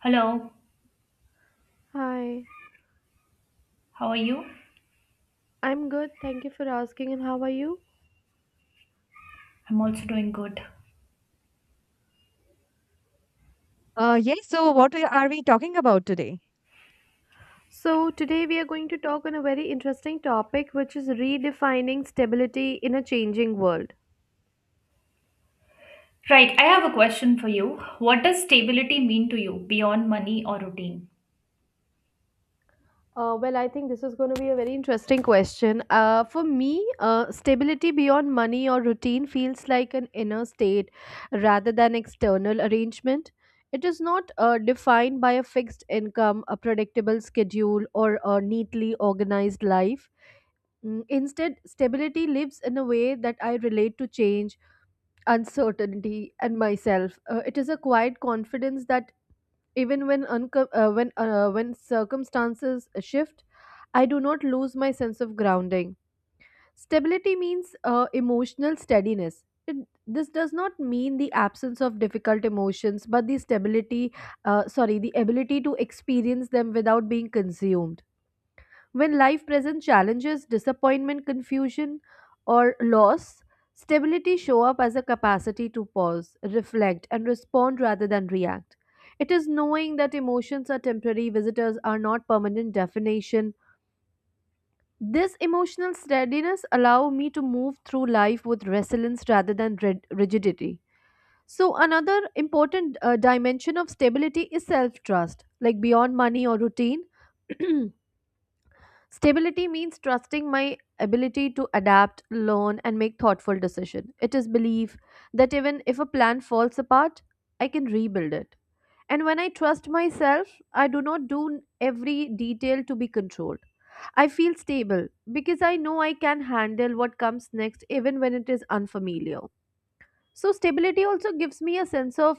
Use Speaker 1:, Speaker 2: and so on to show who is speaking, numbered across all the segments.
Speaker 1: Hello,
Speaker 2: Hi,
Speaker 1: how are you?
Speaker 2: I'm good. Thank you for asking. And how are you?
Speaker 1: I'm also doing good.
Speaker 3: Yes. So, are we talking about today?
Speaker 2: So, today we are going to talk on a very interesting topic, which is redefining stability in a changing world.
Speaker 1: Right, I have a question for you. What does stability mean to you beyond money or routine?
Speaker 2: Well, I think this is going to be a very interesting question. For me, stability beyond money or routine feels like an inner state rather than external arrangement. It is not defined by a fixed income, a predictable schedule, or a neatly organized life. Instead, stability lives in a way that I relate to change, uncertainty, and myself. It is a quiet confidence that even when unco- when circumstances shift, I do not lose my sense of grounding. Stability means emotional steadiness. This does not mean the absence of difficult emotions, but the ability to experience them without being consumed. When life presents challenges, disappointment, confusion, or loss, stability show up as a capacity to pause, reflect, and respond rather than react. It is knowing that emotions are temporary, visitors are not permanent definition. This emotional steadiness allow me to move through life with resilience rather than rigidity. So another important dimension of stability is self-trust, like beyond money or routine. Stability means trusting my ability to adapt, learn, and make thoughtful decisions. It is belief that even if a plan falls apart, I can rebuild it. And when I trust myself, I do not do every detail to be controlled. I feel stable because I know I can handle what comes next even when it is unfamiliar, so stability also gives me a sense of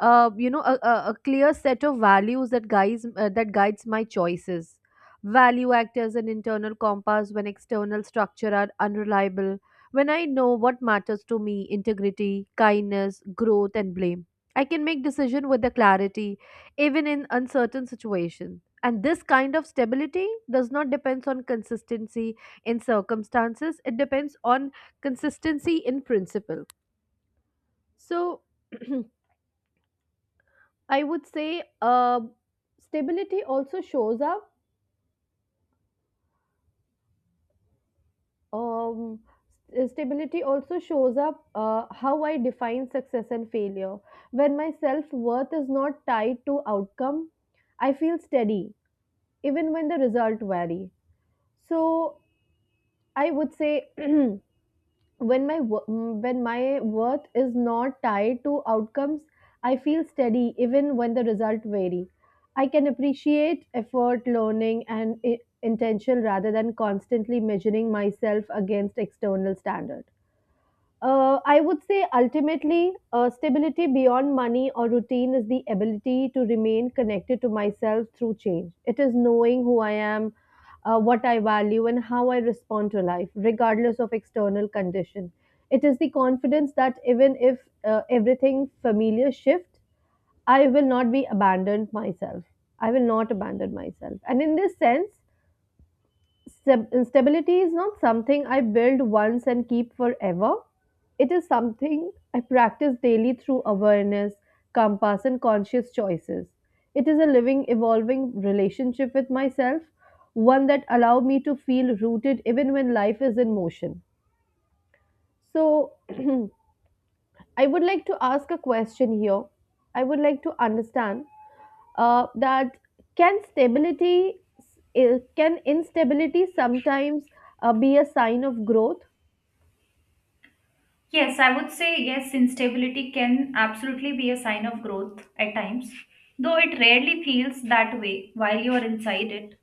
Speaker 2: a, a, clear set of values that guides that guides my choices. Value act as an internal compass when external structure are unreliable. When I know what matters to me, integrity, kindness, growth, and blame, I can make decision with the clarity even in uncertain situation, and this kind of stability does not depends on consistency in circumstances. It depends on consistency in principle. So I would say stability also shows up. Um, s- stability also shows up how I define success and failure. When my self worth is not tied to outcome, I feel steady even when the result vary. So I would say when my worth is not tied to outcomes, I feel steady even when the result vary. I can appreciate effort, learning, and intention rather than constantly measuring myself against external standard. I would say ultimately, stability beyond money or routine is the ability to remain connected to myself through change. It is knowing who I am, what I value, and how I respond to life, regardless of external condition. It is the confidence that even if everything familiar shifts, I will not be abandoned myself. I will not abandon myself. And in this sense, stability is not something I build once and keep forever. It is something I practice daily through awareness, compass, and conscious choices. It is a living, evolving relationship with myself, one that allows me to feel rooted even when life is in motion. So, I would like to ask a question here. I would like to understand that can stability I- can instability sometimes be a sign of growth.
Speaker 1: Yes, I would say yes, instability can absolutely be a sign of growth at times, though it rarely feels that way while you are inside it.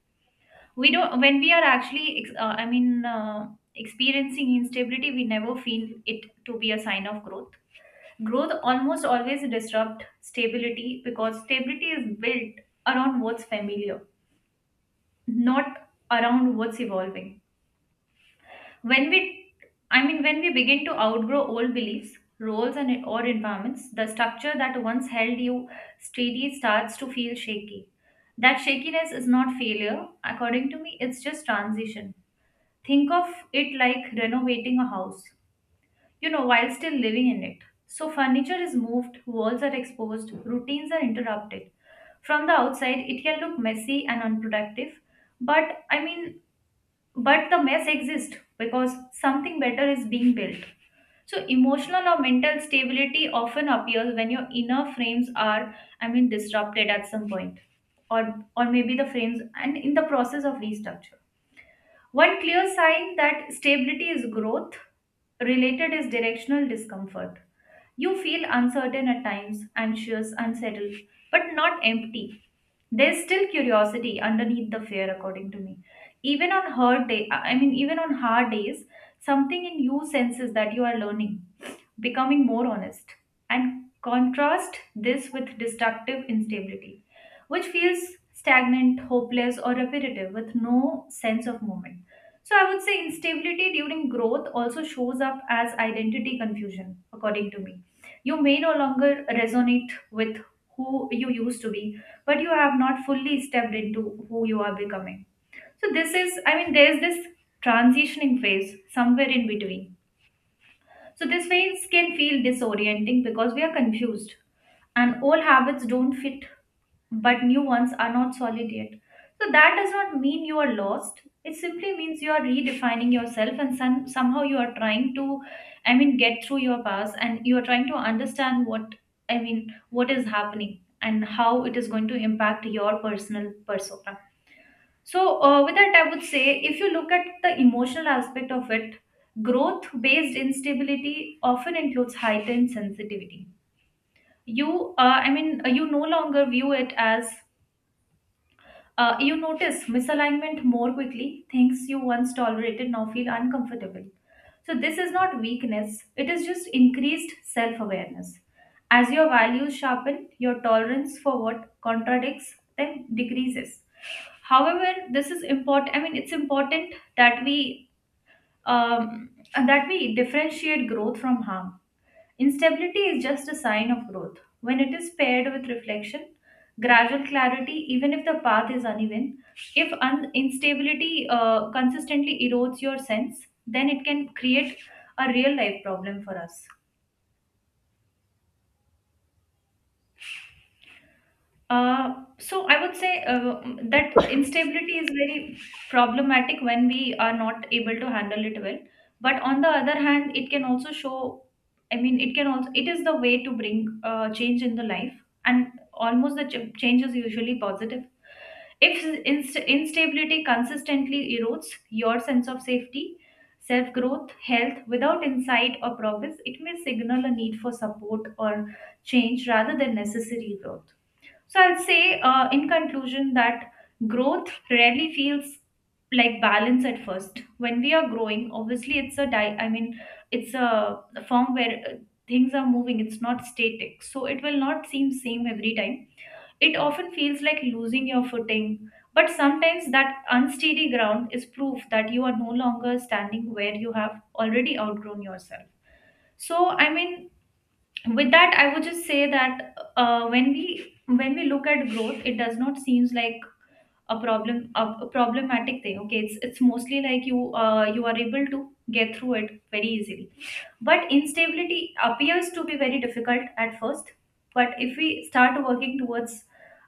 Speaker 1: We don't, when we are actually, ex- I mean, Experiencing instability, we never feel it to be a sign of growth. Growth almost always disrupt stability because stability is built around what's familiar, not around what's evolving. When we, when we begin to outgrow old beliefs, roles, and or environments, the structure that once held you steady starts to feel shaky. That shakiness is not failure, according to me. It's just transition. Think of it like renovating a house, you know, while still living in it. So furniture is moved, walls are exposed, routines are interrupted. From the outside, it can look messy and unproductive, but I mean, but the mess exists because something better is being built. So emotional or mental stability often appears when your inner frames are, I mean, disrupted at some point, or maybe the frames and in the process of restructure. One clear sign that stability is growth related is directional discomfort. You feel uncertain at times, anxious, unsettled, but not empty. There's still curiosity underneath the fear, according to me. Even on hard days, something in you senses that you are learning, becoming more honest. And contrast this with destructive instability, which feels stagnant, hopeless, or repetitive with no sense of movement. So I would say instability during growth also shows up as identity confusion, according to me. You may no longer resonate with who you used to be, but you have not fully stepped into who you are becoming. So this is, I mean, there's this transitioning phase somewhere in between. So this phase can feel disorienting because we are confused and old habits don't fit, but new ones are not solid yet. So that does not mean you are lost. It simply means you are redefining yourself, and somehow you are trying to, I mean, get through your past, and you are trying to understand what, I mean, what is happening and how it is going to impact your personal persona. So, with that, I would say if you look at the emotional aspect of it, growth based instability often includes heightened sensitivity. You, I mean, you no longer view it as you notice misalignment more quickly, things you once tolerated now feel uncomfortable. So, this is not weakness, it is just increased self awareness. As your values sharpen, your tolerance for what contradicts them decreases. However this is important i mean it's important that we, um, that we differentiate growth from harm. Instability is just a sign of growth when it is paired with reflection, gradual clarity, even if the path is uneven. If instability consistently erodes your sense, then it can create a real life problem for us. So I would say that instability is very problematic when we are not able to handle it well. But on the other hand, it can also, it is the way to bring change in the life. And almost the change is usually positive. If instability consistently erodes your sense of safety, self growth, health without insight or progress, it may signal a need for support or change rather than necessary growth. So I'll say in conclusion that growth rarely feels like balance at first. When we are growing, obviously it's a di- I mean, it's a form where things are moving. It's not static, so it will not seem same every time. It often feels like losing your footing. But sometimes that unsteady ground is proof that you are no longer standing where you have already outgrown yourself. So I mean, with that, I would just say that when we look at growth, it does not seems like a problem, a problematic thing. Okay, it's mostly like you are able to get through it very easily. But instability appears to be very difficult at first, but if we start working towards,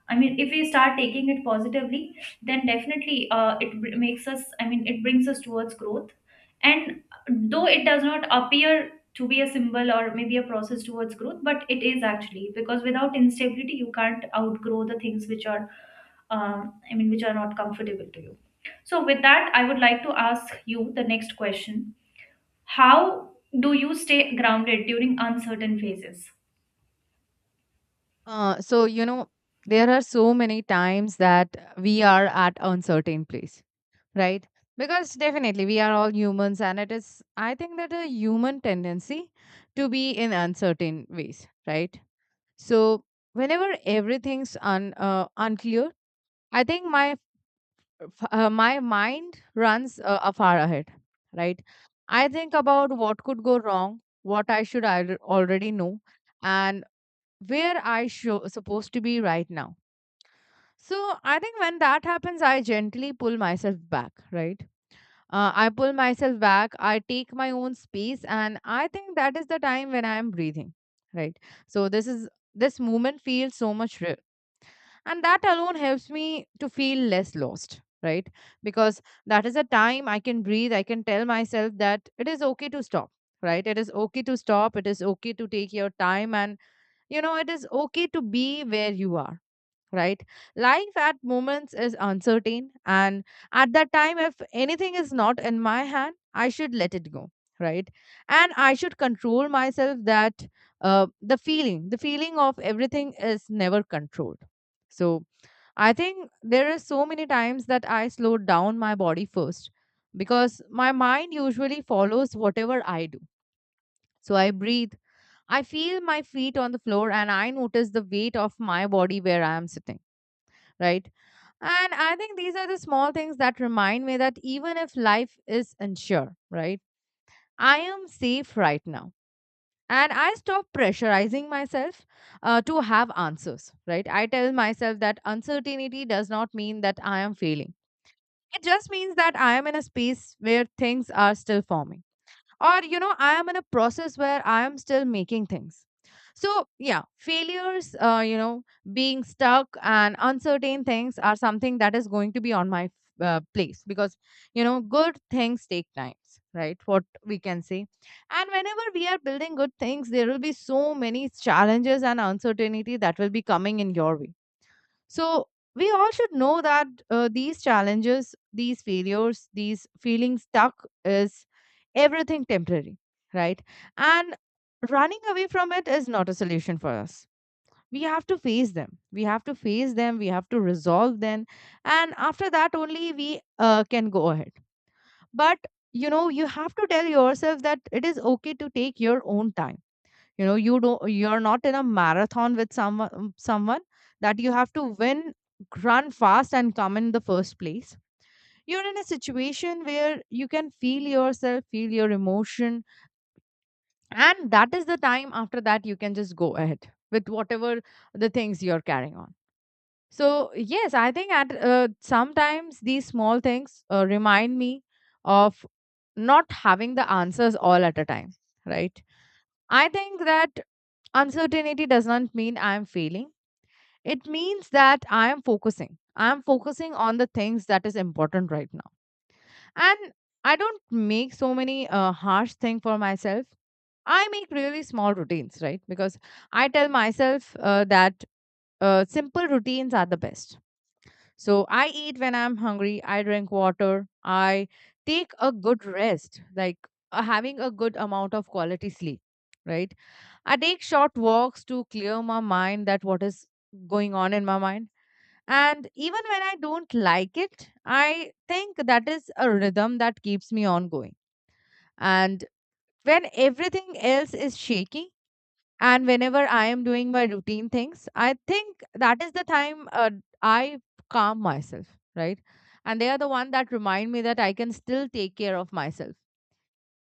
Speaker 1: I mean, if we start taking it positively, then definitely it br- makes us, I mean, it brings us towards growth. And though it does not appear to be a symbol or maybe a process towards growth, but it is actually, because without instability, you can't outgrow the things which are, which are not comfortable to you. So, with that, I would like to ask you the next question. How do you stay grounded during uncertain phases?
Speaker 3: You know, there are so many times that we are at uncertain place, right? Because definitely we are all humans, and it is, I think, that a human tendency to be in uncertain ways, right? So, whenever everything's un unclear, I think my mind runs a far ahead, right? I think about what could go wrong, what I should al already know, and supposed to be right now. So I think when that happens, I gently pull myself back, right? I pull myself back, I take my own space, and I think that is the time when I am breathing, right? So this moment feels so much real, and that alone helps me to feel less lost, right? Because that is a time I can breathe, I can tell myself that it is okay to stop, right? It is okay to stop, it is okay to take your time, and you know, it is okay to be where you are, right? Life at moments is uncertain, and at that time, if anything is not in my hand, I should let it go, right? And I should control myself that the feeling of everything is never controlled. So I think there are so many times that I slowed down my body first because my mind usually follows whatever I do. So I breathe. I feel my feet on the floor and I notice the weight of my body where I am sitting, right? And I think these are the small things that remind me that even if life is unsure, right, I am safe right now. And I stop pressurizing myself to have answers, right? I tell myself that uncertainty does not mean that I am failing. It just means that I am in a space where things are still forming, or you know, I am in a process where I am still making things. So yeah, failures, you know, being stuck and uncertain things are something that is going to be on my place, because you know, good things take times, right, what we can say. And whenever we are building good things, there will be so many challenges and uncertainty that will be coming in your way. So we all should know that these challenges, these failures, these feeling stuck is everything temporary, right? And running away from it is not a solution for us. We have to face them. We have to face them. We have to resolve them. And after that, only we can go ahead. But you know, you have to tell yourself that it is okay to take your own time. You know, you're not in a marathon with someone, someone that you have to win, run fast and come in the first place. You're in a situation where you can feel yourself, feel your emotion, and that is the time, after that you can just go ahead with whatever the things you're carrying on. So yes, I think at sometimes these small things remind me of not having the answers all at a time, right? I think that uncertainty does not mean I am failing. It means that I am focusing. I am focusing on the things that is important right now. And I don't make so many harsh thing for myself. I make really small routines, right? Because I tell myself that simple routines are the best. So I eat when I'm hungry. I drink water. I take a good rest, like having a good amount of quality sleep, right? I take short walks to clear my mind that what is going on in my mind. And even when I don't like it, I think that is a rhythm that keeps me on going. And when everything else is shaky, and whenever I am doing my routine things, I think that is the time, I calm myself, right? And they are the one that remind me that I can still take care of myself,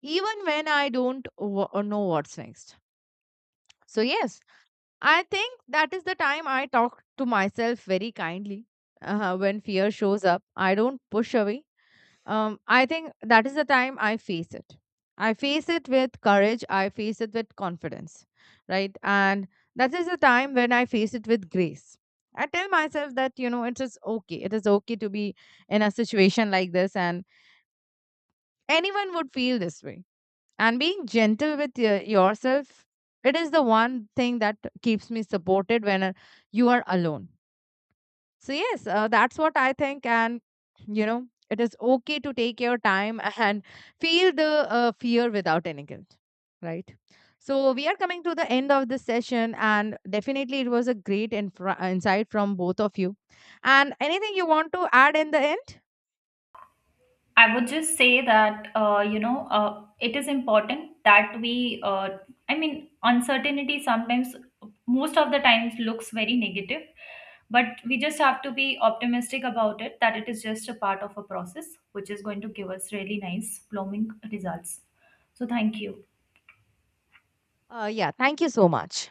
Speaker 3: even when I don't w- know what's next. So yes, I think that is the time I talk to myself very kindly when fear shows up. I don't push away. I think that is the time I face it. I face it with courage. I face it with confidence, right? And that is the time when I face it with grace. I tell myself that, you know, it is okay. It is okay to be in a situation like this, and anyone would feel this way, and being gentle with yourself, it is the one thing that keeps me supported when you are alone. So yes, that's what I think. And you know, it is okay to take your time and feel the fear without any guilt, right? So we are coming to the end of this session, and definitely it was a great insight from both of you, and anything you want to add in the end?
Speaker 1: I would just say that you know, it is important that we. I mean, uncertainty sometimes, most of the times, looks very negative, but we just have to be optimistic about it. That it is just a part of a process which is going to give us really nice blooming results. So thank you.
Speaker 3: Yeah, thank you so much.